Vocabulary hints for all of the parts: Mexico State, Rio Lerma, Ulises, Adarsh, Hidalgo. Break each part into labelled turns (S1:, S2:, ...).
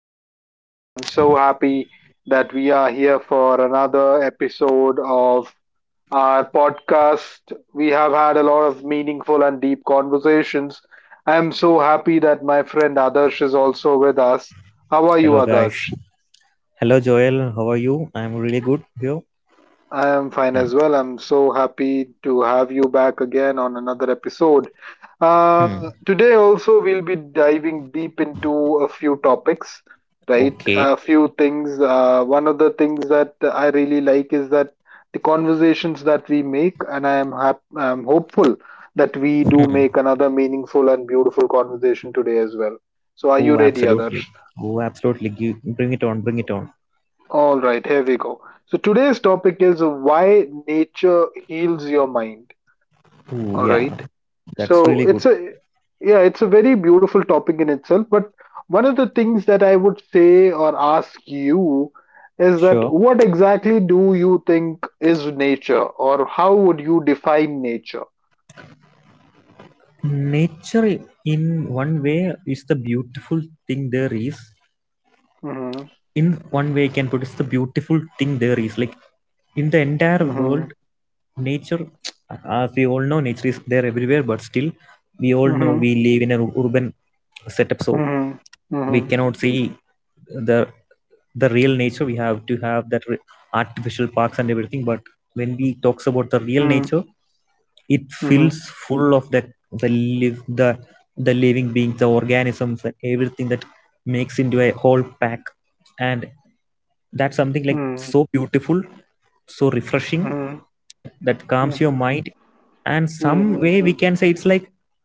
S1: and gentlemen. I am so happy that we are here for another episode of our podcast. We have had a lot of meaningful and deep conversations. I am so happy that my friend Adarsh is also with us. How are you,
S2: Hello,
S1: Adarsh?
S2: guys. Hello, Joel. How are you? I'm really good here.
S1: I am fine as well.
S2: And,
S1: I'm so happy to have you back again on another episode.
S2: hmm,
S1: Today, also, we'll be diving deep into a few topics, right? A
S2: okay.
S1: few things. One of the things that I really like is that the conversations that we make, and I am I'm hopeful that we do make
S2: Hmm.
S1: another meaningful and beautiful conversation today as well. So, are you ready,
S2: Oh,
S1: Adarsh?
S2: absolutely. Oh, absolutely. Bring it on. Bring it on.
S1: All right, here we go. So, today's topic is why nature heals your mind. All
S2: Oh,
S1: right.
S2: yeah.
S1: So
S2: That's
S1: it's
S2: really good.
S1: a Yeah, it's a very beautiful topic in itself. But one of the things that I would say or ask you is that
S2: Sure.
S1: what exactly do you think is nature, or how would you define nature?
S2: Nature, in one way, is the beautiful thing there is.
S1: Mm-hmm.
S2: In one way you can put it's the beautiful thing there is, like in the entire
S1: Mm-hmm.
S2: world. Nature, as we all know, nature is there everywhere, but still we all
S1: Mm-hmm.
S2: know we live in an urban setup, so
S1: Mm-hmm. Mm-hmm.
S2: we cannot see the the real nature. We have to have artificial parks and everything, but when we talks about the real nature, it
S1: Mm-hmm.
S2: feels full of that, the live, the living beings, the organisms and everything that makes into a whole pack. And that's something like
S1: Mm-hmm.
S2: so beautiful, so refreshing,
S1: Mm-hmm. Mm-hmm.
S2: that
S1: Mm-hmm.
S2: calms
S1: Mm-hmm.
S2: your mind. And some
S1: Mm-hmm.
S2: way we can say it's like,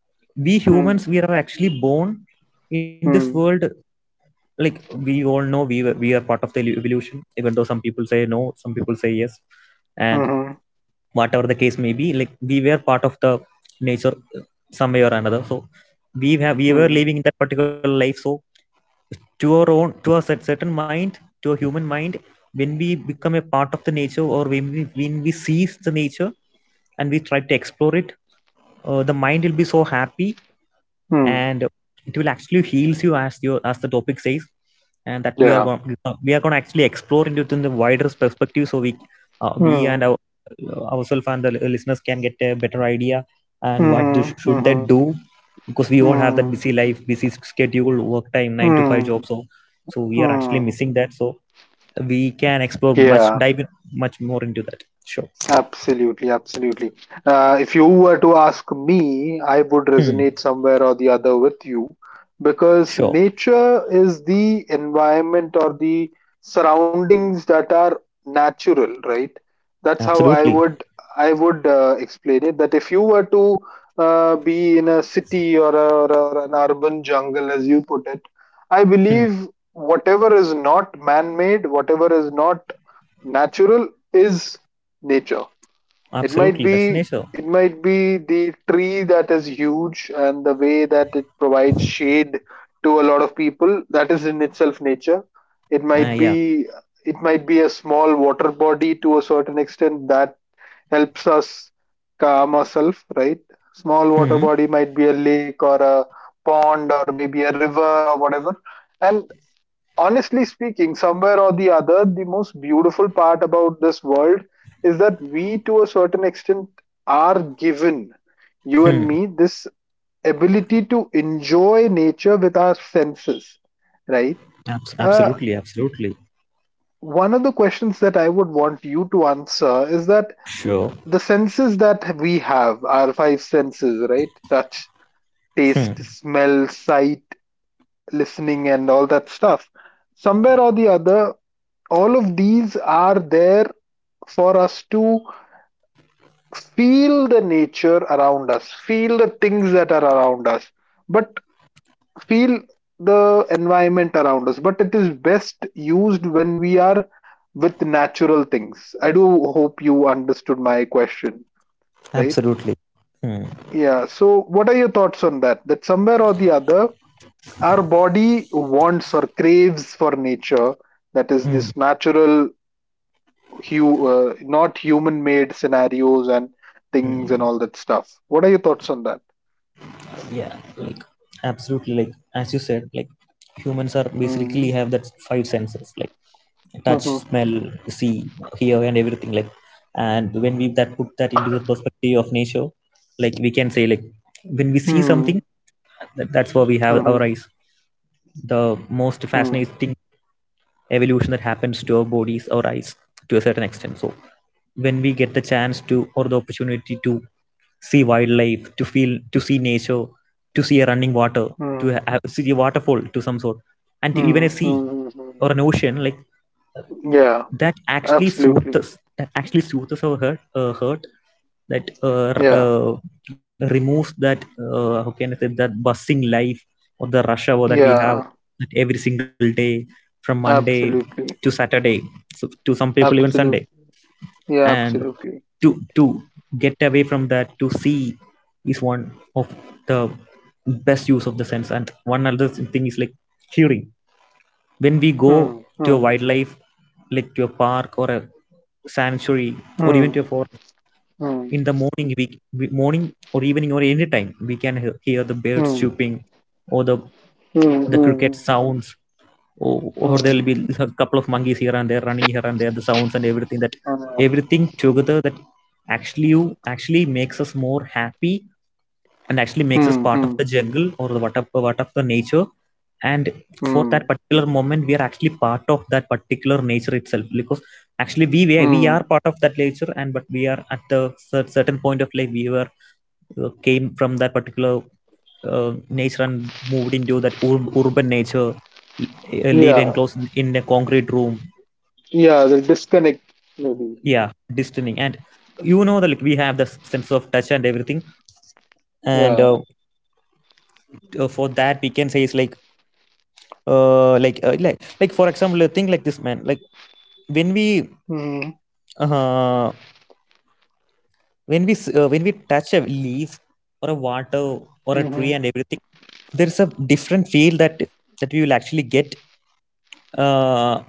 S2: we humans, we are actually born in this world, like we all know we we are part of the evolution, even though some people say no, some people say yes. And
S1: Mm-hmm.
S2: whatever the case may be, like, we were part of the nature some way or another. So we
S1: Mm-hmm.
S2: were living in that particular life. So, to our own, to our certain mind, to a human mind, when we become a part of the nature, or when we seize the nature and we try to explore it, the mind will be so happy.
S1: Mm-hmm.
S2: And it will actually heals you, as your as the topic says. And that
S1: Yeah.
S2: we are going to actually explore into it in the wider perspective, so
S1: Mm-hmm.
S2: we ourselves and the listeners can get a better idea and should
S1: Mm-hmm.
S2: they do, because we all
S1: Mm-hmm.
S2: have that busy life, busy schedule, work time 9 to
S1: Mm-hmm.
S2: 5 job. So, so we are
S1: Hmm.
S2: actually missing that, so we can explore,
S1: Yeah.
S2: much dive in, much more into that. Sure.
S1: Absolutely, absolutely. If you were to ask me, I would resonate
S2: Hmm.
S1: somewhere or the other with you, because
S2: Sure.
S1: nature is the environment or the surroundings that are natural, right? That's how I would
S2: Absolutely.
S1: I would uh, explain it. That if you were to be in a city, or an urban jungle, as you put it, I believe
S2: Hmm.
S1: whatever is not man-made, whatever is not natural, is nature. it might
S2: Absolutely,
S1: be
S2: that's
S1: it
S2: nature.
S1: might be the tree that is huge and the way that it provides shade to a lot of people. That is in itself nature. It might
S2: Yeah.
S1: be it might be a small water body to a certain extent that helps us calm ourselves, right? Small water body
S2: Hmm.
S1: might be a lake or a pond or maybe a river or whatever. And honestly speaking, somewhere or the other, the most beautiful part about this world is that we, to a certain extent, are given, you and me,
S2: Hmm.
S1: this ability to enjoy nature with our senses, right?
S2: Abs-
S1: Uh,
S2: absolutely, absolutely.
S1: One of the questions that I would want you to answer is that
S2: Sure.
S1: the senses that we have, our five senses, right? Touch, taste,
S2: Hmm.
S1: smell, sight, listening, and all that stuff, somewhere or the other, all of these are there for us to feel the nature around us, feel the things that are around us, but feel the environment around us, but it is best used when we are with natural things. I do hope you understood my question, right?
S2: Absolutely. Hmm.
S1: Yeah, so what are your thoughts on that, that somewhere or the other our body wants or craves for nature, that is this
S2: Hmm.
S1: natural, not human made scenarios and things and all
S2: Hmm.
S1: that stuff. What are your thoughts on that?
S2: Yeah, like, absolutely. Like as you said, like, humans are
S1: Mm.
S2: basically have that five senses, like
S1: Mhm.
S2: touch, smell, see, hear, and everything. Like, and when we that put that into the perspective of nature, like we can say, like, when we see
S1: Mm.
S2: something, that's why we have
S1: Mhm.
S2: our eyes. The most
S1: Mm.
S2: fascinating evolution that happens to our bodies or eyes to a certain extent. So when we get the chance to, or the opportunity to, see wildlife, to feel, to see nature, to see a running water,
S1: Mm.
S2: to have, see a waterfall to some sort, and to
S1: Mm.
S2: even a sea
S1: Mm. Mm.
S2: or an ocean, like,
S1: Yeah, absolutely.
S2: that actually soothes our hurt, that
S1: Yeah,
S2: removes that, how can I say, that buzzing life or the rush hour that we
S1: yeah,
S2: have, that every single day from Monday
S1: absolutely.
S2: to Saturday, so to some people even
S1: Absolutely.
S2: Sunday.
S1: Yeah,
S2: And
S1: absolutely.
S2: to get away from that, to see, is one of the best use of the sense. And one other thing is like hearing. When we go
S1: Mm.
S2: to a
S1: Mm.
S2: wildlife, like to a park or a sanctuary, or
S1: Mm.
S2: even to a forest,
S1: Mm.
S2: in the morning we morning or evening or any time, we can hear the birds
S1: Mm.
S2: chirping, or
S1: Mm.
S2: the
S1: Mm.
S2: cricket sounds, or,
S1: Mm.
S2: or there will be
S1: Mm.
S2: a couple of monkeys here and there, running here and there, the sounds and everything, that everything together, that actually you actually makes us more happy, and actually makes us
S1: Mm.
S2: part of
S1: Mm.
S2: the jungle, or the what of the nature. And for
S1: Mm.
S2: that particular moment we are actually part of that particular nature itself, because actually we
S1: Mm.
S2: are part of that nature. And but we are at the certain point of life, we were came from that particular uh, nature and moved into that urban nature, live
S1: Yeah,
S2: enclosed in a concrete room.
S1: yeah, the disconnect maybe.
S2: Yeah, distancing. And you know that, like, we have the sense of touch and everything. And
S1: Yeah.
S2: for that we can say is like, like, for example, think like this, man. Like, when we
S1: Mhm.
S2: uh, when when we touch a leaf, or a water, or a tree
S1: Mhm.
S2: and everything, there is a different feel that, that we will actually get, uh,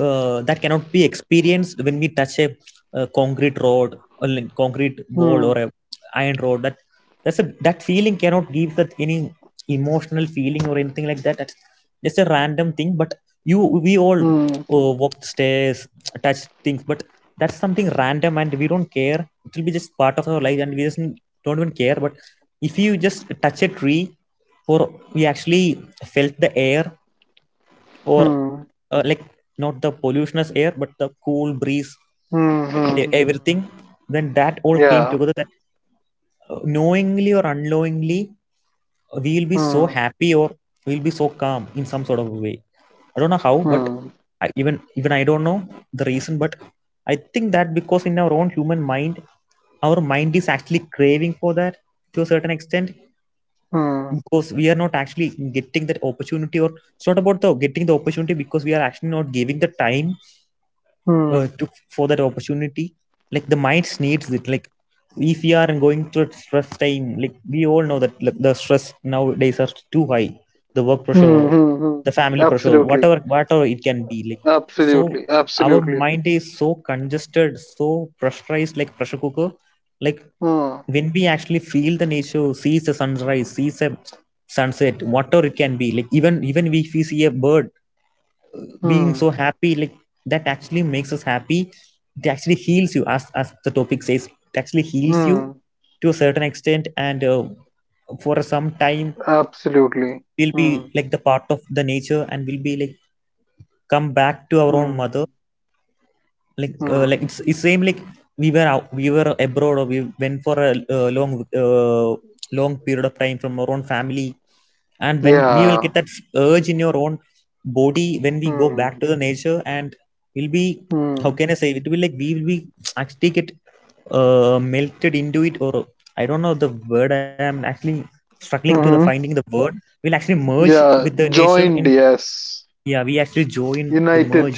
S2: that cannot be experienced when we touch a, concrete road, a concrete wall, or
S1: Mm.
S2: a iron road. That, that's a, that feeling cannot give that any emotional feeling or anything like that. That's just a random thing, but you, we all
S1: Mm.
S2: walk stairs, touch things, but that's something random and we don't care. It will be just part of our life and we just don't even care. But if you just touch a tree, or we actually felt the air, or
S1: Mm.
S2: like, not the pollutionous air but the cool breeze,
S1: Mm.
S2: and
S1: Mhm.
S2: everything, then that all came
S1: Yeah.
S2: together, that, knowingly or unknowingly, we'll be so
S1: Mm.
S2: happy, or we'll be so calm in some sort of way. I don't know how, but
S1: Mm.
S2: I, even I don't know the reason, but I think that because in our own human mind, our mind is actually craving for that to a certain extent,
S1: Mm.
S2: because we are not actually getting that opportunity. Or it's not about the getting the opportunity, because we are actually not giving the time,
S1: Mm. Mm.
S2: to, for that opportunity. Like, the mind needs it. Like, if we are going through stress time, like we all know that, like, the stress nowadays are too high, the work pressure,
S1: Mm. Mm.
S2: the family pressure,
S1: Absolutely.
S2: whatever, whatever it can be. Like, so
S1: Absolutely.
S2: our
S1: Absolutely.
S2: mind is so congested, so pressurized, like pressure cooker. Like,
S1: Mm.
S2: when we actually feel the nature, sees a sunrise, sees a sunset, whatever it can be. Like, even even if we see a bird being so
S1: Mm.
S2: happy, like, that actually makes us happy. It actually heals you, as the topic says, it actually heals you
S1: Mm.
S2: to a certain extent. And for some time
S1: Absolutely.
S2: we'll be
S1: Mm.
S2: like the part of the nature, and we'll be like come back to our own mother.
S1: Mm.
S2: Like,
S1: Mm.
S2: like, it's same. Like, we were out, we were abroad, or we went for a long, uh, long period of time from our own family. And when we will
S1: Yeah.
S2: get that urge in your own body, when we go back
S1: Mm.
S2: to the nature, and we'll be, how
S1: Mm.
S2: can I say, it will, like, we will be actually get, melted into it, or I don't know the word, I am actually struggling to the
S1: Mm-hmm.
S2: finding the word. We'll actually merge with
S1: Yeah.
S2: the nature in,
S1: Joined, yes.
S2: yeah, we actually join the merge,
S1: United.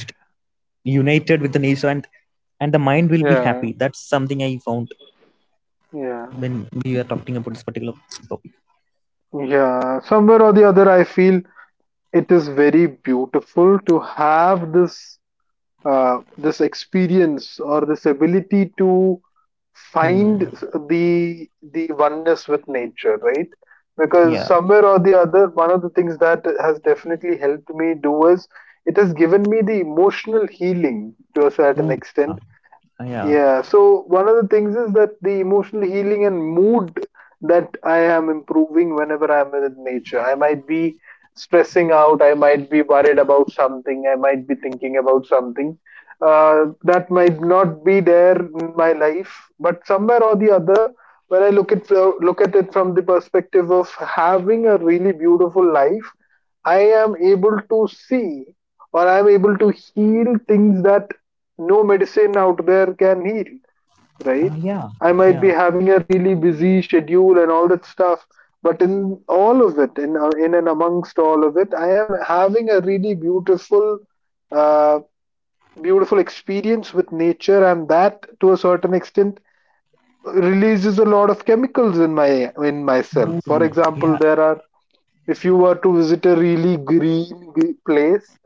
S2: united with the nature. And the mind will be happy.
S1: Yeah.
S2: That's something I found
S1: Yeah.
S2: when we are talking about this particular topic.
S1: Yeah. Somewhere or the other, I feel it is very beautiful to have this experience or this ability to find
S2: Hmm.
S1: the the oneness with nature, right?
S2: Yeah.
S1: Because somewhere or the other, one of the things that has definitely helped me do is, it has given me the emotional healing to a
S2: Ooh,
S1: certain
S2: ah,
S1: extent.
S2: yeah.
S1: Yeah, so one of the things is that the emotional healing and mood that I am improving whenever I'm with nature. I might be stressing out, I might be worried about something, I might be thinking about something that might not be there in my life, but somewhere or the other, when I look at it from the perspective of having a really beautiful life, I am able to see, or I'm able to heal things that no medicine out there can heal, right?
S2: Ah, yeah.
S1: I might
S2: Yeah.
S1: be having a really busy schedule and all that stuff, but in all of it, in and amongst all of it, I am having a really uh, beautiful experience with nature, and that to a certain extent releases a lot of chemicals in myself.
S2: Ooh,
S1: For example,
S2: yeah.
S1: there are if you were to visit a really green place,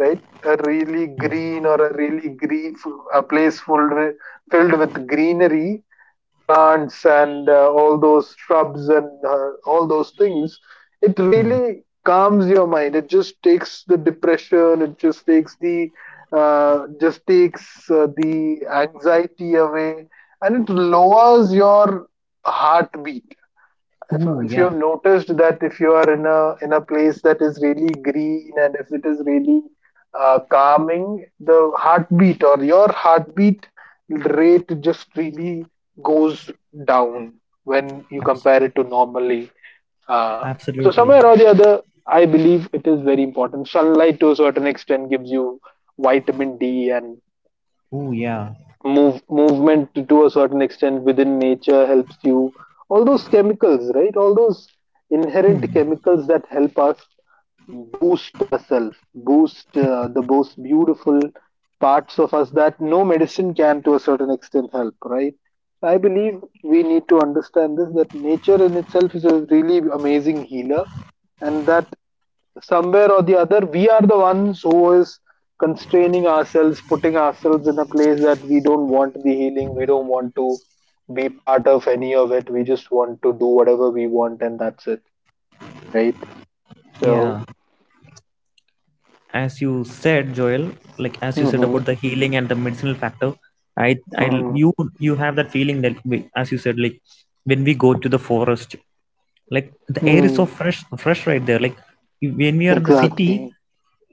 S1: right, a really green, or a really green f- a place filled with greenery, plants and all those shrubs and all those things. It
S2: Hmm.
S1: really calms your mind, it just takes the depression, it just takes the, just takes the anxiety away, and it lowers your heartbeat. if,
S2: Ooh,
S1: if you
S2: yeah.
S1: have noticed that, if you are in a place that is really green, and if it is really calming, the heartbeat or your heartbeat rate just really goes down when you
S2: Abs-
S1: compare it to normally. uh, so
S2: absolutely.
S1: somewhere or the other, I believe it is very important. Sunlight to a certain extent gives you vitamin D, and
S2: Ooh, yeah.
S1: movement to a certain extent within nature helps you, all those chemicals, right? All those inherent
S2: Hmm.
S1: chemicals that help us boost ourselves, boost the most beautiful parts of us, that no medicine can to a certain extent help, right? I believe we need to understand this, that nature in itself is a really amazing healer, and that somewhere or the other, we are the ones who is constraining ourselves, putting ourselves in a place that we don't want the healing, we don't want to be part of any of it, we just want to do whatever we want, and that's it, right? So.
S2: Yeah. As you said, Joel, like, as you said
S1: Hmm.
S2: about the healing and the medicinal factor, i i
S1: Hmm.
S2: you you have that feeling that we, as you said, like, when we go to the forest, like, the air is so
S1: Mm.
S2: fresh right there. Like, you-, when we are in the city,
S1: Exactly.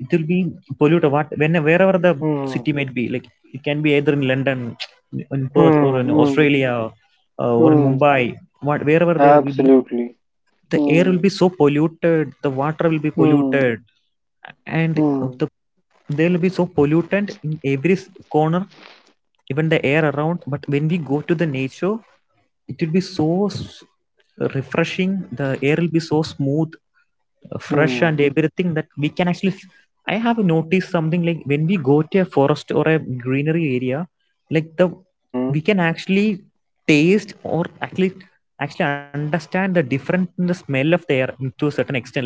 S2: it will be polluted. What, when, wherever the
S1: Mm.
S2: city might be, like, it can be either in London, in Perth, or
S1: Mm.
S2: in
S1: Mm.
S2: Australia, or in
S1: Mm.
S2: Mumbai. What, wherever, there will be,
S1: Absolutely.
S2: the air will
S1: Mm.
S2: be so polluted, the water will be
S1: Mm.
S2: polluted. And
S1: Mm.
S2: the, there will be so pollutant in every corner, even the air around. But when we go to the nature, it will be so refreshing, the air will be so smooth, fresh and
S1: Mm.
S2: everything, that we can actually I have noticed something, like, when we go to a forest or a greenery area, like, the we
S1: Mm.
S2: can actually taste, or actually, actually understand the difference in the smell of the air, to a certain extent. Like,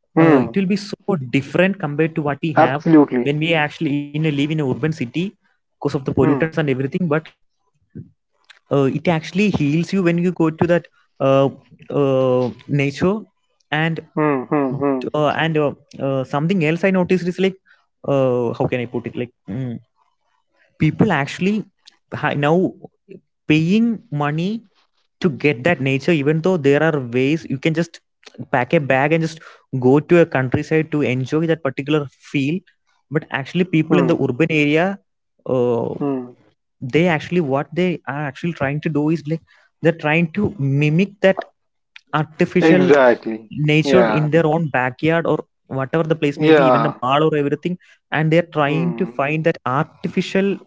S2: it will be
S1: Mm.
S2: so different compared to what we have when
S1: Absolutely.
S2: we actually in a live in a urban city, because of the pollutants and
S1: Mm.
S2: everything. But it actually heals you when you go to that uh, nature. And
S1: Mm. Mm. Mm.
S2: uh, and uh, something else I noticed is like, how can I put it, people actually now paying money to get that nature, even though there are ways, you can just pack a bag and just go to a countryside to enjoy that particular feel. But actually people in the
S1: Mm.
S2: urban area, uh,
S1: Mm.
S2: they actually, what they are actually trying to do is like, they're trying to mimic that artificial
S1: Exactly.
S2: nature
S1: Yeah.
S2: in their own backyard, or whatever the place may be, even a
S1: Yeah.
S2: mall or everything. And They're trying to
S1: Mm.
S2: find that artificial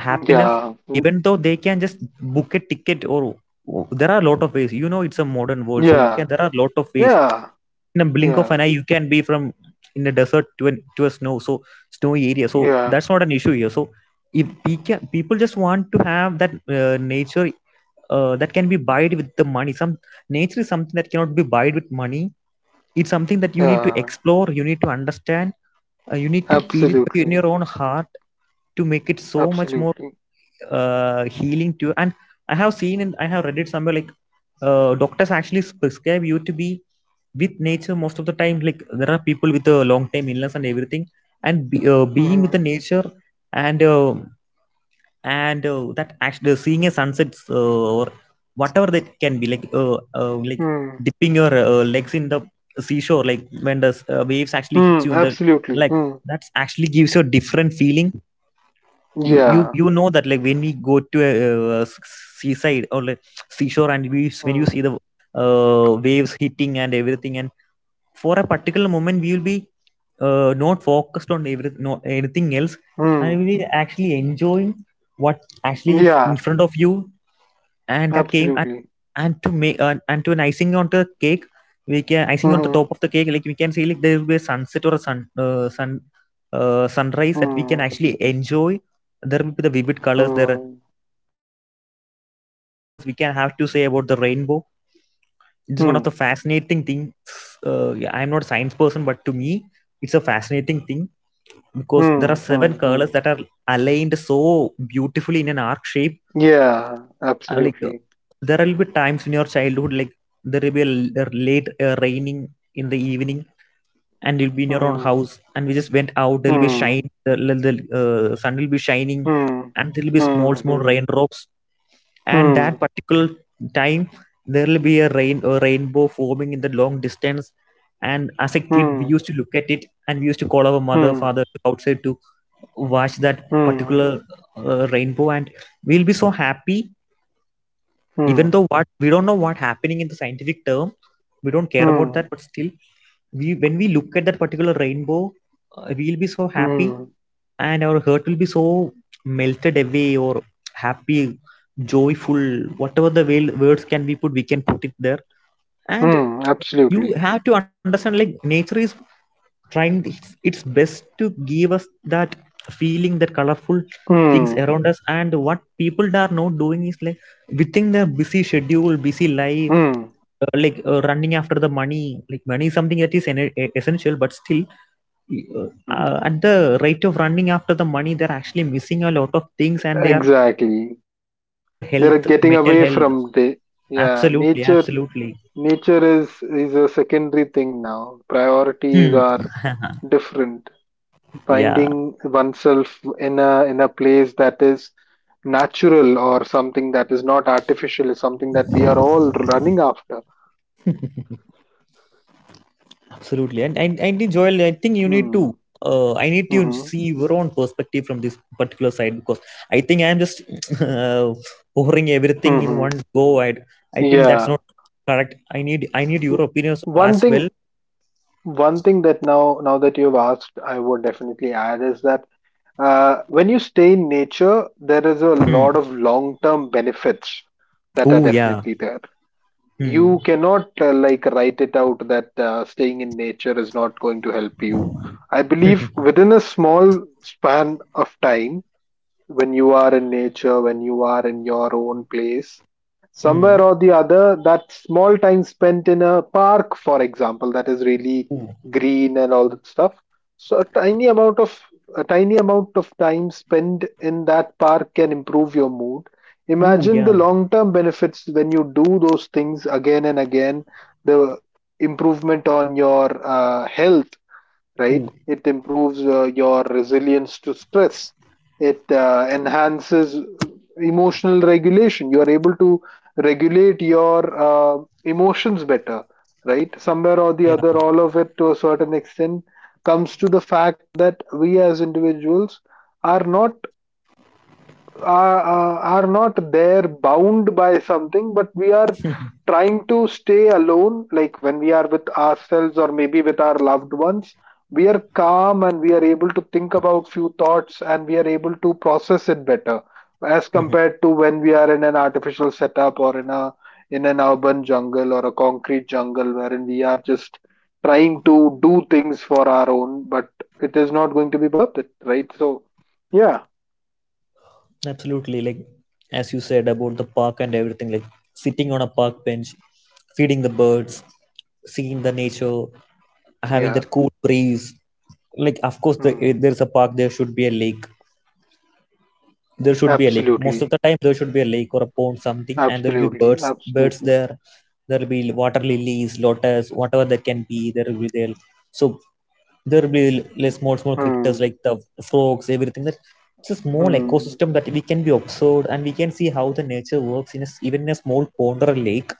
S2: happiness
S1: Yeah. Mm.
S2: even though they can just book a ticket or there are a lot of ways. You know, it's a modern world, so you
S1: Yeah.
S2: can, there are a lot of ways
S1: Yeah.
S2: in a blink of
S1: Yeah.
S2: an eye. You can be from in a desert to an to a snow, so snowy area, so
S1: Yeah.
S2: that's not an issue here. So if we can, people just want to have that nature that can be buyed with the money. Some nature is something that cannot be buyed with money. It's something that you need to
S1: Yeah.
S2: explore, you need to understand, you need to feel it in
S1: Absolutely.
S2: your own heart, to make it so much more
S1: Absolutely.
S2: healing to. And I have seen and I have read it somewhere like, doctors actually prescribe you to be with nature most of the time, like there are people with a long time illness and everything, and being with the
S1: Mm.
S2: nature. And uh, and uh, that actually seeing a sunset, or whatever that can be, like
S1: Mm.
S2: dipping your legs in the seashore, like when the waves actually hit
S1: Mm.
S2: you in the,
S1: Absolutely.
S2: like,
S1: Mm.
S2: that actually gives you a different feeling. you you
S1: Yeah.
S2: you know that, like when we go to a, uh, s- seaside or like seashore, and we, when you see
S1: Mm.
S2: the waves hitting and everything, and for a particular moment we will be not focused on every no anything else, and we
S1: Mm.
S2: will be actually enjoying what actually is in
S1: Yeah.
S2: front of you. And that came.
S1: Absolutely.
S2: And to make and to an icing on the cake, we can icing on the
S1: Mm.
S2: top of the cake, like we can see, like there will be a sunset or a sunrise that we can
S1: Mm.
S2: actually enjoy. There will be the vivid colors there.
S1: Mm.
S2: And talking about the colors, we can have to say about the rainbow. It's one of
S1: Mm.
S2: the fascinating things. Yeah, I'm not a science person, but to me it's a fascinating thing because there are
S1: Mm.
S2: seven
S1: Mm.
S2: colors
S1: Mm.
S2: that are aligned so beautifully in an arc shape.
S1: Yeah.
S2: uh, like uh,
S1: Absolutely.
S2: there will be times in your childhood, like there will be a late raining in the evening, and you'll be in your own
S1: Mm.
S2: house, and we just went out, there'll be
S1: Mm.
S2: shine the sun will be shining,
S1: Mm.
S2: and there'll be small small
S1: Mm.
S2: raindrops, and
S1: Mm.
S2: that particular time there'll be a rainbow forming in the long distance. And as a kid, we
S1: Mm.
S2: used to look at it, and we used to call our mother
S1: Mm.
S2: father to outside to watch that
S1: Hmm.
S2: particular rainbow, and we'll be so happy. Even
S1: Hmm.
S2: though what we don't know what happening in the scientific term, we don't care about
S1: Hmm.
S2: that. But still, we when we look at that particular rainbow, we'll be so happy,
S1: Hmm.
S2: and our heart will be so melted away, or happy, joyful, whatever the words can be put, we can put it there. And
S1: Hmm.
S2: you
S1: Absolutely.
S2: have to understand, like, nature is trying its best to give us that feeling, that colorful things
S1: Hmm.
S2: around us. And what people are not doing is like, within their busy schedule, busy life,
S1: Hmm.
S2: running after the money. Like money is something that is essential, but still, uh,
S1: Hmm.
S2: at the rate of running after the money, they're actually missing a lot of things, and they are
S1: Exactly.
S2: ignoring their
S1: They're
S2: health,
S1: getting
S2: mental
S1: away
S2: health.
S1: from the, yeah,
S2: Absolutely,
S1: nature
S2: absolutely.
S1: nature is is a secondary thing now. Priorities
S2: Hmm.
S1: are different.
S2: yeah.
S1: Finding oneself in a place that is natural, or something that is not artificial, is something that we are all running after.
S2: Absolutely, and Joel, I think you need to.
S1: Hmm.
S2: I need to
S1: Mm-hmm.
S2: see your own perspective from this particular side, because I think I am just uh, pouring everything in
S1: Mm-hmm.
S2: one go. I think that's
S1: Yeah.
S2: not correct. I need your
S1: W-
S2: opinions
S1: One
S2: as
S1: thing,
S2: well.
S1: That now that you've asked, I would definitely add is that, when you stay in nature, there is a
S2: Hmm.
S1: lot of long-term benefits that are
S2: Oh yeah.
S1: definitely there. You
S2: Hmm.
S1: cannot like write it out that staying in nature is not going to help you. I believe within a small span of time, when you are in nature, when you are in your own place, somewhere
S2: hmm.
S1: or the other, that small time spent in a park, for example, that is really
S2: Ooh.
S1: green and all that stuff. So a tiny amount of time spent in that park can improve your mood.
S2: Ooh
S1: Imagine the
S2: yeah.
S1: long term benefits when you do those things again and again, the improvement on your health, right?
S2: Ooh
S1: It improves your resilience to stress. It enhances emotional regulation. You are able to regulate your emotions better, right? Somewhere or the
S2: yeah.
S1: other, all of it to a certain extent comes to the fact that we as individuals are not are not there bound by something, but we are trying to stay alone, like when we are with ourselves or maybe with our loved ones, we are calm and we are able to think about few thoughts and we are able to process it better as compared to when we are in an artificial setup, or in a in an urban jungle or a concrete jungle, wherein we are just trying to do things for our own, but it is not going to be worth it, right? So, yeah,
S2: Absolutely. Like, as you said about the park and everything, like sitting on a park bench, feeding the birds, seeing the nature, having
S1: yeah.
S2: that cool breeze. Like, of course, the, if
S1: Hmm.
S2: there's a park, there should be a lake. There should be a lake. Most of
S1: Absolutely,
S2: the time, there should be a lake or a pond, something, and there'll be
S1: absolutely,
S2: birds
S1: absolutely.
S2: there. There'll be water lilies, lotus, whatever that can be. There will be there. So there will be like small small critters,
S1: Hmm.
S2: like the frogs, everything, that it's a small
S1: Hmm.
S2: ecosystem that we can be observed, and we can see how the nature works in even in a small pond or a lake.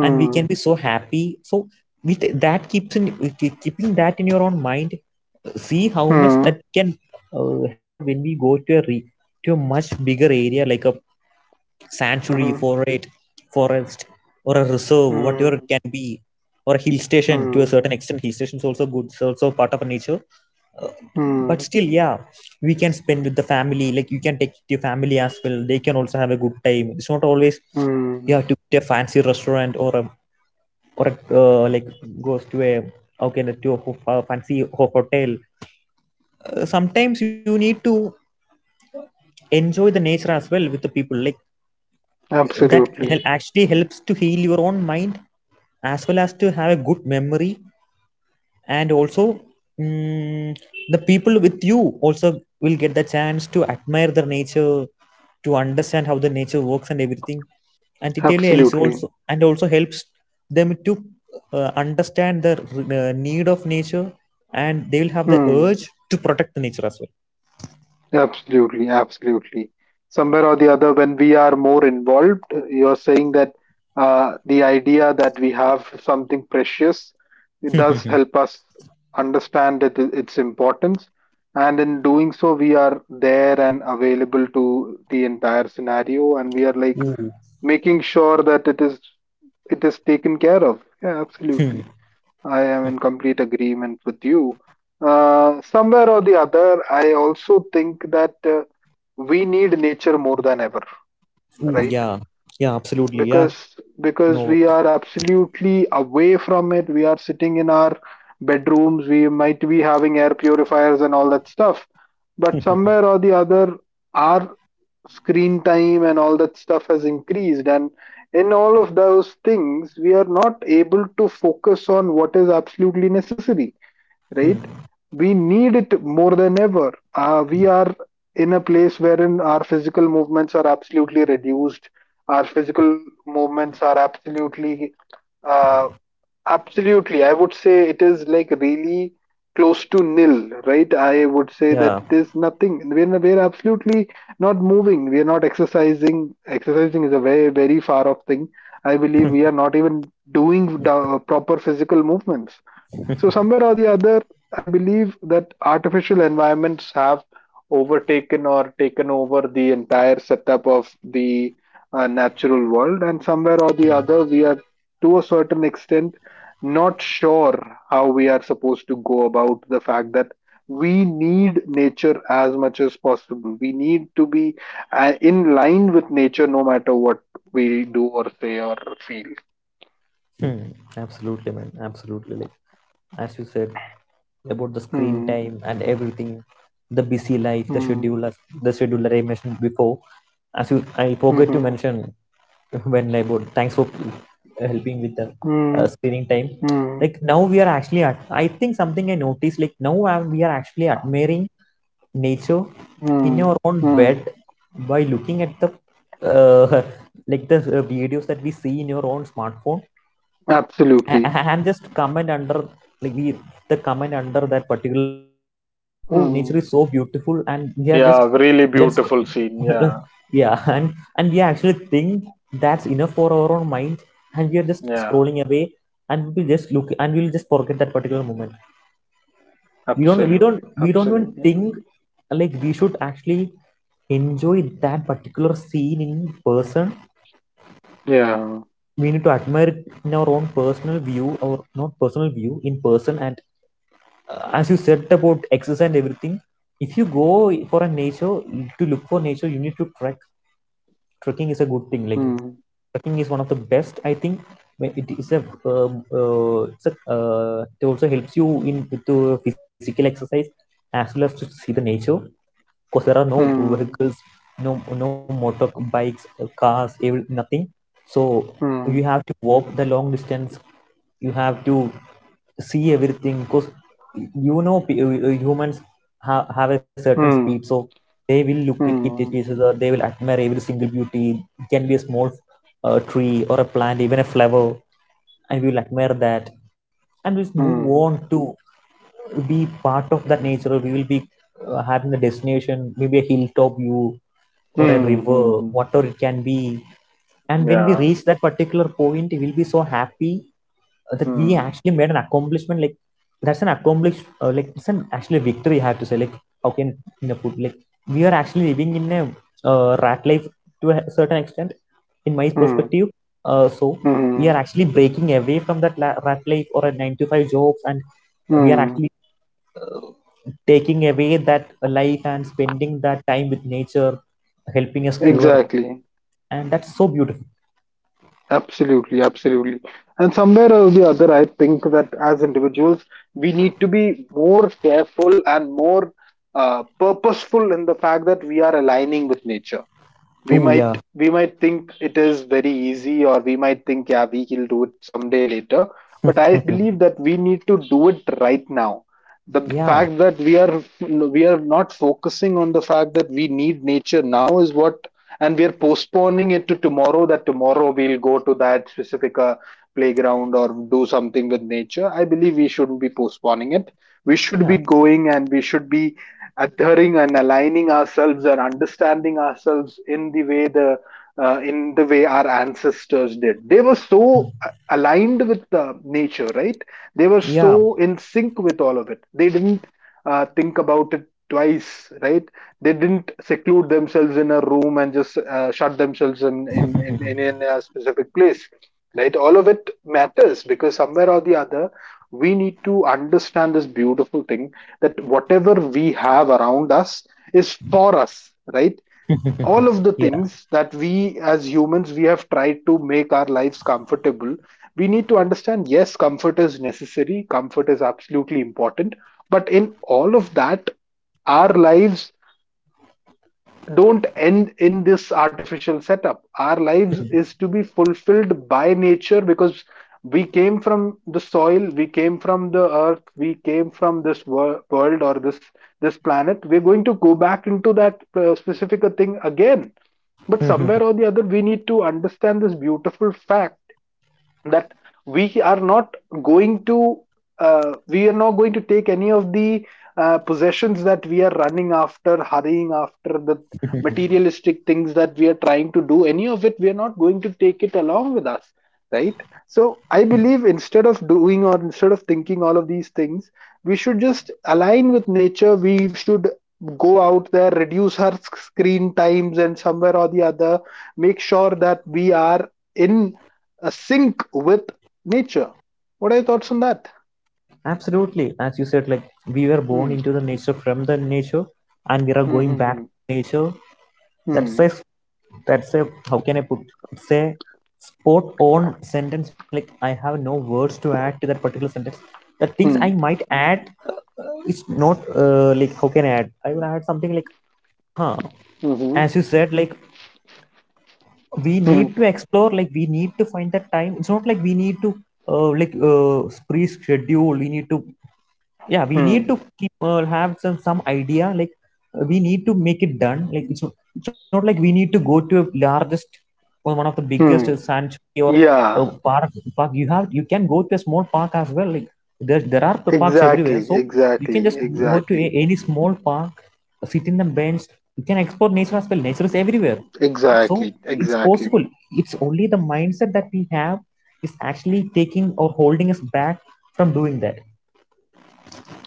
S2: And we can be so happy, so with that keeps in, keeping that in your own mind, see how much
S1: Hmm.
S2: that can have when we go to to a much bigger area, like a sanctuary
S1: Hmm.
S2: forest forest, or a reserve,
S1: Hmm.
S2: whatever it can be, or a hill station. To a
S1: Hmm.
S2: certain extent, hill station is also good, it's also part of nature, but
S1: Hmm.
S2: still, yeah, we can spend with the family. Like you can take your family as well, they can also have a good time. It's not always you have to
S1: Hmm.
S2: get a fancy restaurant or a or a, uh, like goes to a, okay, let's a fancy hotel. Sometimes you need to enjoy the nature as well with the people, like, that
S1: Absolutely.
S2: actually helps to heal your own mind as well as to have a good memory. And also, mm, the people with you also will get the chance to admire their nature, to understand how the nature works and everything. And it really helps,
S1: Absolutely.
S2: also and also helps them to understand the need of nature, and they will have the
S1: Hmm.
S2: urge to protect the nature as
S1: Absolutely, absolutely. Somewhere or the other, when we are more involved, you're saying that, the idea that we have something precious, it does
S2: well.
S1: help us understand it, its importance. And in doing so, we are there and available to the entire scenario, and we are like
S2: ooh.
S1: making sure that it is taken care of. Yeah,
S2: Hmm.
S1: absolutely. I am in complete agreement with you. Somewhere or the other, I also think that we need nature more than ever,
S2: Ooh
S1: right?
S2: yeah. Yeah, absolutely, yeah.
S1: Because because
S2: No.
S1: we are absolutely away from it. We are sitting in our bedrooms. We might be having air purifiers and all that stuff. But somewhere or the other, our screen time and all that stuff has increased. And in all of those things, we are not able to focus on what is absolutely necessary, right?
S2: Hmm.
S1: We need it more than ever. We are in a place wherein our physical movements are absolutely reduced. Our physical movements are absolutely, uh, absolutely. I would say it is like really close to nil, right? I would say that
S2: Yeah.
S1: it is nothing. We're absolutely not moving. We are not exercising. Exercising is a very, very far off thing. I believe we are not even doing the proper physical movements. So somewhere or the other, I believe that artificial environments have overtaken or taken over the entire setup of the natural world, and somewhere or the other, we are to a certain extent not sure how we are supposed to go about the fact that we need nature as much as possible. We need to be in line with nature, no matter what we do or say or feel.
S2: Hmm, absolutely, man. Absolutely. Like, as you said about the screen
S1: Hmm.
S2: time and everything, the busy life,
S1: Hmm.
S2: the scheduler I mentioned before. As you, I forgot to
S1: Hmm.
S2: mention when I bought. Thanks for helping with the
S1: Hmm.
S2: screening time.
S1: Hmm.
S2: Like now we are actually at. I think something I noticed. Like now, we are actually admiring nature in our
S1: Mm,
S2: own
S1: mm,
S2: bed, by looking at the uh, like the videos that we see in your own smartphone,
S1: absolutely.
S2: a- and just comment under, like the comment under that particular video is saying that, oh, nature
S1: Mm.
S2: is so beautiful, and we are
S1: Yeah,
S2: just,
S1: really
S2: that's,
S1: beautiful scene. Yeah,
S2: yeah. And we actually think that's enough for our own mind, and we are just
S1: yeah,
S2: scrolling away, and we just look, and we'll just forget that particular moment. we don't we don't
S1: absolutely,
S2: we don't even
S1: absolutely.
S2: think like we should actually enjoy that particular scene in person.
S1: Yeah.
S2: We need to admire it in our own personal view, or not personal view, in person. And as you said about exercise and everything, if you go for a nature, to look for nature, you need to trek. Trekking is a good thing, like
S1: Mm,
S2: trekking is one of the best, I think. When it is a, um, it also helps you in with the physical exercise, as well as to see the nature, because there are no
S1: mm,
S2: vehicles, no motorbikes, cars, every, nothing. So you
S1: mm,
S2: have to walk the long distance, you have to see everything, because you know, humans have a certain speed,
S1: mm,
S2: so they will look at it, it is
S1: mm,
S2: they will admire every single beauty. It can be a small tree or a plant, even a flower, and we will admire that, and we'll move on
S1: mm,
S2: to be part of that nature. Or we will be having a destination, maybe a hilltop view
S1: mm,
S2: or a
S1: mm,
S2: river,
S1: mm.
S2: whatever it can be. And when we
S1: Yeah.
S2: reach that particular point, we'll be so happy that we
S1: Mm,
S2: actually made an accomplishment. Like, that's an like, it's an actually victory, I have to say. Like, how can you know, put, like, we are actually living in a rat life, to a certain extent, in my
S1: mm,
S2: perspective. So we are
S1: mm,
S2: actually breaking away from that rat life, or a 9 to 5 jobs, and we are
S1: mm.
S2: actually taking away that life and spending that time with nature, helping us cure.
S1: Exactly.
S2: And that's so beautiful.
S1: Absolutely, absolutely. And somewhere or the other, I think that as individuals, we need to be more careful and more purposeful in the fact that we are aligning with nature. we
S2: Oh,
S1: might
S2: yeah.
S1: we might think it is very easy, or we might think yeah, we will do it someday later, but I believe that we need to do it right now. the
S2: yeah.
S1: fact that we are we are not focusing on the fact that we need nature now is what. And we are postponing it to tomorrow, that tomorrow we'll go to that specific playground or do something with nature. I believe we shouldn't be postponing it. We should be
S2: Yeah.
S1: going, and we should be adhering and aligning ourselves and understanding ourselves in the way the in the way our ancestors did. They were so aligned with the nature, right? They were
S2: Yeah,
S1: so in sync with all of it. They didn't think about it twice, right? They didn't seclude themselves in a room and just shut themselves in a specific place, right? All of it matters because somewhere or the other we need to understand this beautiful thing, that whatever we have around us is for us, right? All of the
S2: yeah,
S1: things that we as humans we have tried to make our lives comfortable, we need to understand, yes, comfort is necessary, comfort is absolutely important. But in all of that, our lives don't end in this artificial setup. Our lives is to be fulfilled by nature, because we came from the soil, we came from the earth, we came from world, or this planet. We're going to go back into that specific thing again. But somewhere or the other, we need to understand this beautiful fact, that we are not going to we are not going to take any of the possessions that we are running after, hurrying after, the materialistic things that we are trying to do. Any of it, we are not going to take it along with us, right? So I believe, instead of doing or instead of thinking all of these things, we should just align with nature. We should go out there, reduce our screen times, and somewhere or the other, make sure that we are in a sync with nature. What are your thoughts on that?
S2: absolutely. As you said, like, we were born
S1: Hmm.
S2: into the nature, from the nature, and we are going
S1: Hmm.
S2: back
S1: Hmm.
S2: to nature. That's
S1: Hmm.
S2: a that's a, how can I put it's a spot on sentence. Like, I have no words to add to that particular sentence. The things I
S1: Hmm.
S2: might add is not like how can I add I will add something like, huh
S1: Hmm. Mhm.
S2: as you said, like, we
S1: Hmm. Hmm.
S2: need to explore. Like, we need to find that time. It's not like we need to like pre-schedule. We need to, yeah, we
S1: Hmm.
S2: need to keep, have some idea, like, we need to make it done. Like, it's not like we need to go to a largest, or one of the biggest
S1: Hmm.
S2: sanctuary, or uh,
S1: Yeah.
S2: park park. You can go to a small park as well. Like, there are the parks everywhere.
S1: Exactly.
S2: So you can
S1: Exactly.
S2: just go to
S1: Exactly.
S2: any small park, sit in the bench. You can explore nature as well. Nature is everywhere. So
S1: Exactly.
S2: it's
S1: Exactly.
S2: possible. It's only the mindset that we have is actually taking, or holding us back from doing that.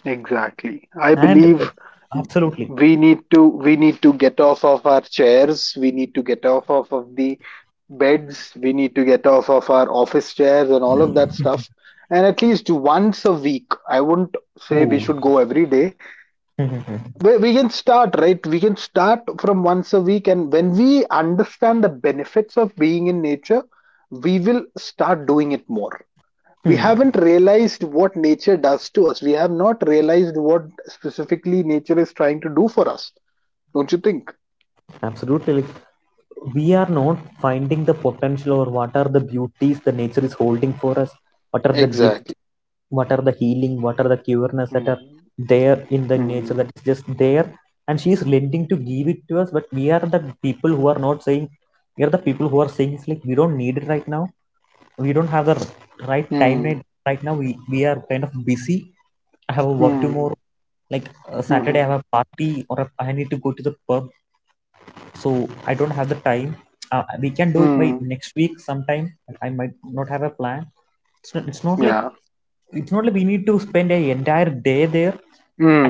S1: Exactly. I
S2: And
S1: believe
S2: absolutely.
S1: we need to get off of our chairs. We need to get off of the beds. We need to get off of our office chairs and all of that stuff. And at least once a week, I wouldn't say we
S2: Oh,
S1: should go every day,
S2: hmm,
S1: we can start, right? We can start from once a week, and when we understand the benefits of being in nature, we will start doing it more. We haven't realized what nature does to us. We have not realized what specifically nature is trying to do for us. Don't you think?
S2: absolutely. Like, we are not finding the potential, or what are the beauties the nature is holding for us. What are the gift,
S1: Exactly.
S2: what are the healing, what are the cureness that are
S1: Hmm.
S2: there in the nature,
S1: Hmm.
S2: that is just there. And she is lending to give it to us, but we are the people who are not saying. We are the people who are saying it's like we don't need it right now. We don't have the right time,
S1: Hmm.
S2: right? Right now, we are kind of busy. I have a work
S1: Hmm.
S2: tomorrow. Like, Saturday I
S1: Hmm.
S2: have a party, or I need to go to the pub. So I don't have the time. We can do it by
S1: Hmm.
S2: next week sometime. I might not have a plan. it's not, it's not like
S1: Yeah.
S2: it's not like we need to spend an entire day there.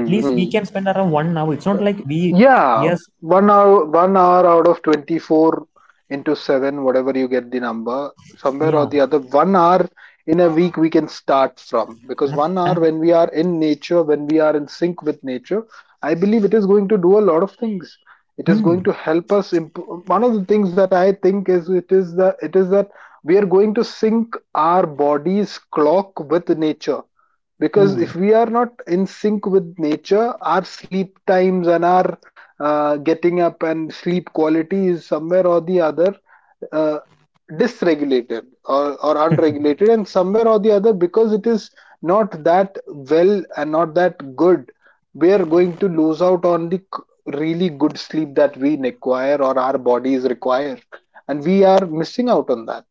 S2: At least we
S1: Hmm.
S2: can spend around 1 hour. It's not like we...
S1: Yeah,
S2: yes,
S1: 1 hour, 1 hour out of 24 into seven, whatever you get the number, somewhere or
S2: yeah.
S1: the other, 1 hour in a week we can start from. Because
S2: ab-
S1: 1 hour
S2: ab-
S1: when we are in nature, when we are in sync with nature, I believe it is going to do a lot of things. It is
S2: Hmm.
S1: going to help us improve. One of the things that I think is it is that we are going to sync our body's clock with nature, because
S2: Ooh,
S1: if we are not in sync with nature, our sleep times and our getting up and sleep quality is somewhere or the other, uh, dysregulated or unregulated, and somewhere or the other, because it is not that well and not that good, we are going to lose out on the really good sleep that we require, or our bodies require, and we are missing out on that.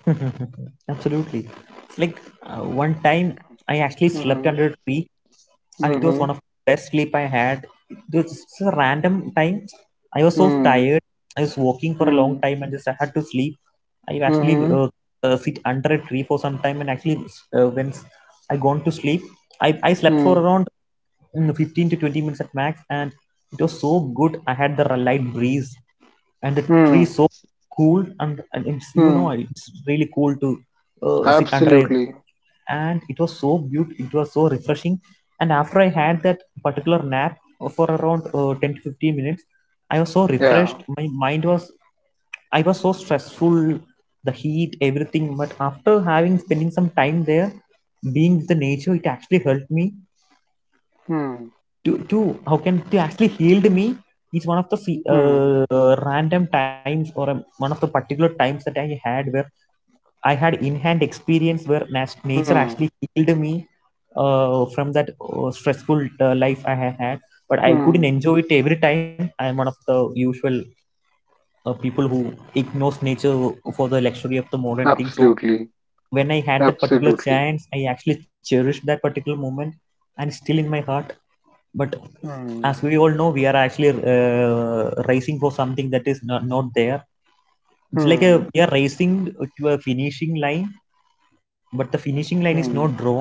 S2: absolutely. It's like, one time I actually slept
S1: Mm-hmm.
S2: under a tree, and it was
S1: Mm-hmm.
S2: one of the best sleep I had. It was just a random time. I was so
S1: Mm-hmm.
S2: tired. I was walking for a long time, and just I had to sleep. I actually
S1: Mm-hmm.
S2: sit under a tree for some time, and actually when I gone to sleep, I slept for around 15 to 20 minutes at max, and it was so good. I had the light breeze and the tree
S1: Mm-hmm.
S2: so cool, and it's you
S1: Hmm.
S2: know it's really cool to sit under a,
S1: Absolutely.
S2: and it was so beautiful. It was so refreshing. And after I had that particular nap for around 10 to 15 minutes, I was so
S1: Yeah.
S2: refreshed. My mind was, I was so stressful. The heat, everything. But after having, spending some time there, being with the nature, it actually helped me
S1: Hmm.
S2: to how can, to actually healed me. Is one of the
S1: Hmm.
S2: random times, or one of the particular times that I had, where I had in-hand experience where nature
S1: Hmm.
S2: actually healed me from that stressful life I had. But I
S1: Hmm.
S2: couldn't enjoy it every time. I'm one of the usual people who ignores nature for the luxury of the modern thing. So
S1: Absolutely.
S2: when I had that particular
S1: Absolutely.
S2: chance, I actually cherished that particular moment, and still in my heart. But as
S1: Hmm.
S2: we all know, we are actually racing for something that is not there. It's like a,
S1: Hmm.
S2: we are racing to a finishing line, but the finishing line is not
S1: Hmm.
S2: drawn.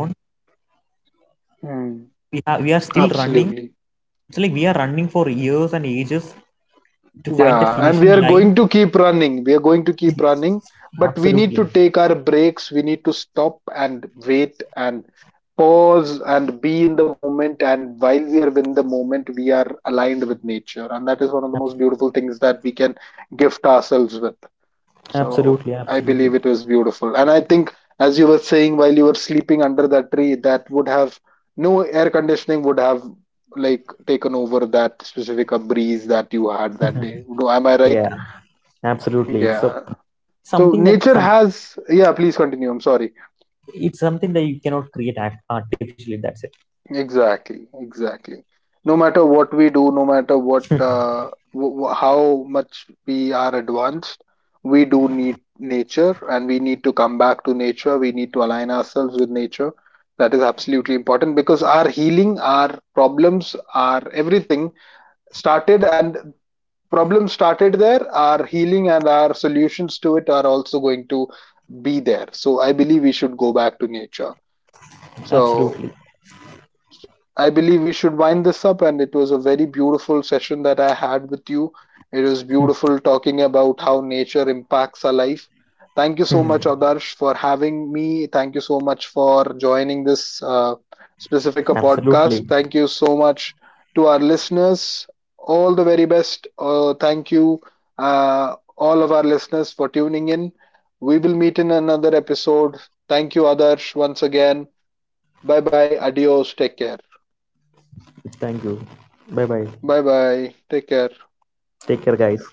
S1: Hmm.
S2: We are still running.
S1: Absolutely.
S2: It's like we are running for years and ages to find that
S1: Yeah. And
S2: finishing
S1: we are
S2: line.
S1: going to keep running. We are going to keep running, but we need to
S2: Absolutely.
S1: take our breaks. We need to stop and wait and pause and be in the moment. And while we are in the moment, we are aligned with nature. And that is one of the
S2: Ab-
S1: most beautiful things that we can gift ourselves with. So
S2: Absolutely,
S1: I believe
S2: absolutely.
S1: it was beautiful. And I think, as you were saying, while you were sleeping under that tree, that would have no air conditioning would have like taken over that specific breeze that you had that day. No, am I right?
S2: Yeah, absolutely. It's a,
S1: Yeah. So
S2: something that
S1: nature
S2: some
S1: has, yeah, please continue. I'm sorry.
S2: it's something that you cannot create artificially. That's it.
S1: Exactly, exactly. No matter what we do, no matter what, how much we are advanced, we do need nature, and we need to come back to nature. We need to align ourselves with nature. That is absolutely important, because our healing, our problems, our everything started, and problems started there. Our healing and our solutions to it are also going to be there. So I believe we should go back to nature. So
S2: Absolutely.
S1: I believe we should wind this up, and it was a very beautiful session that I had with you. It was beautiful talking about how nature impacts our life. Thank you so much, Adarsh, for having me. Thank you so much for joining this specific podcast.
S2: Absolutely.
S1: Thank you so much to our listeners. All the very best. Thank you, all of our listeners, for tuning in. We will meet in another episode. Thank you, Adarsh, once again. Bye bye. Adios. Take care.
S2: Thank you. Bye bye.
S1: Bye bye. Take care.
S2: Take care, guys.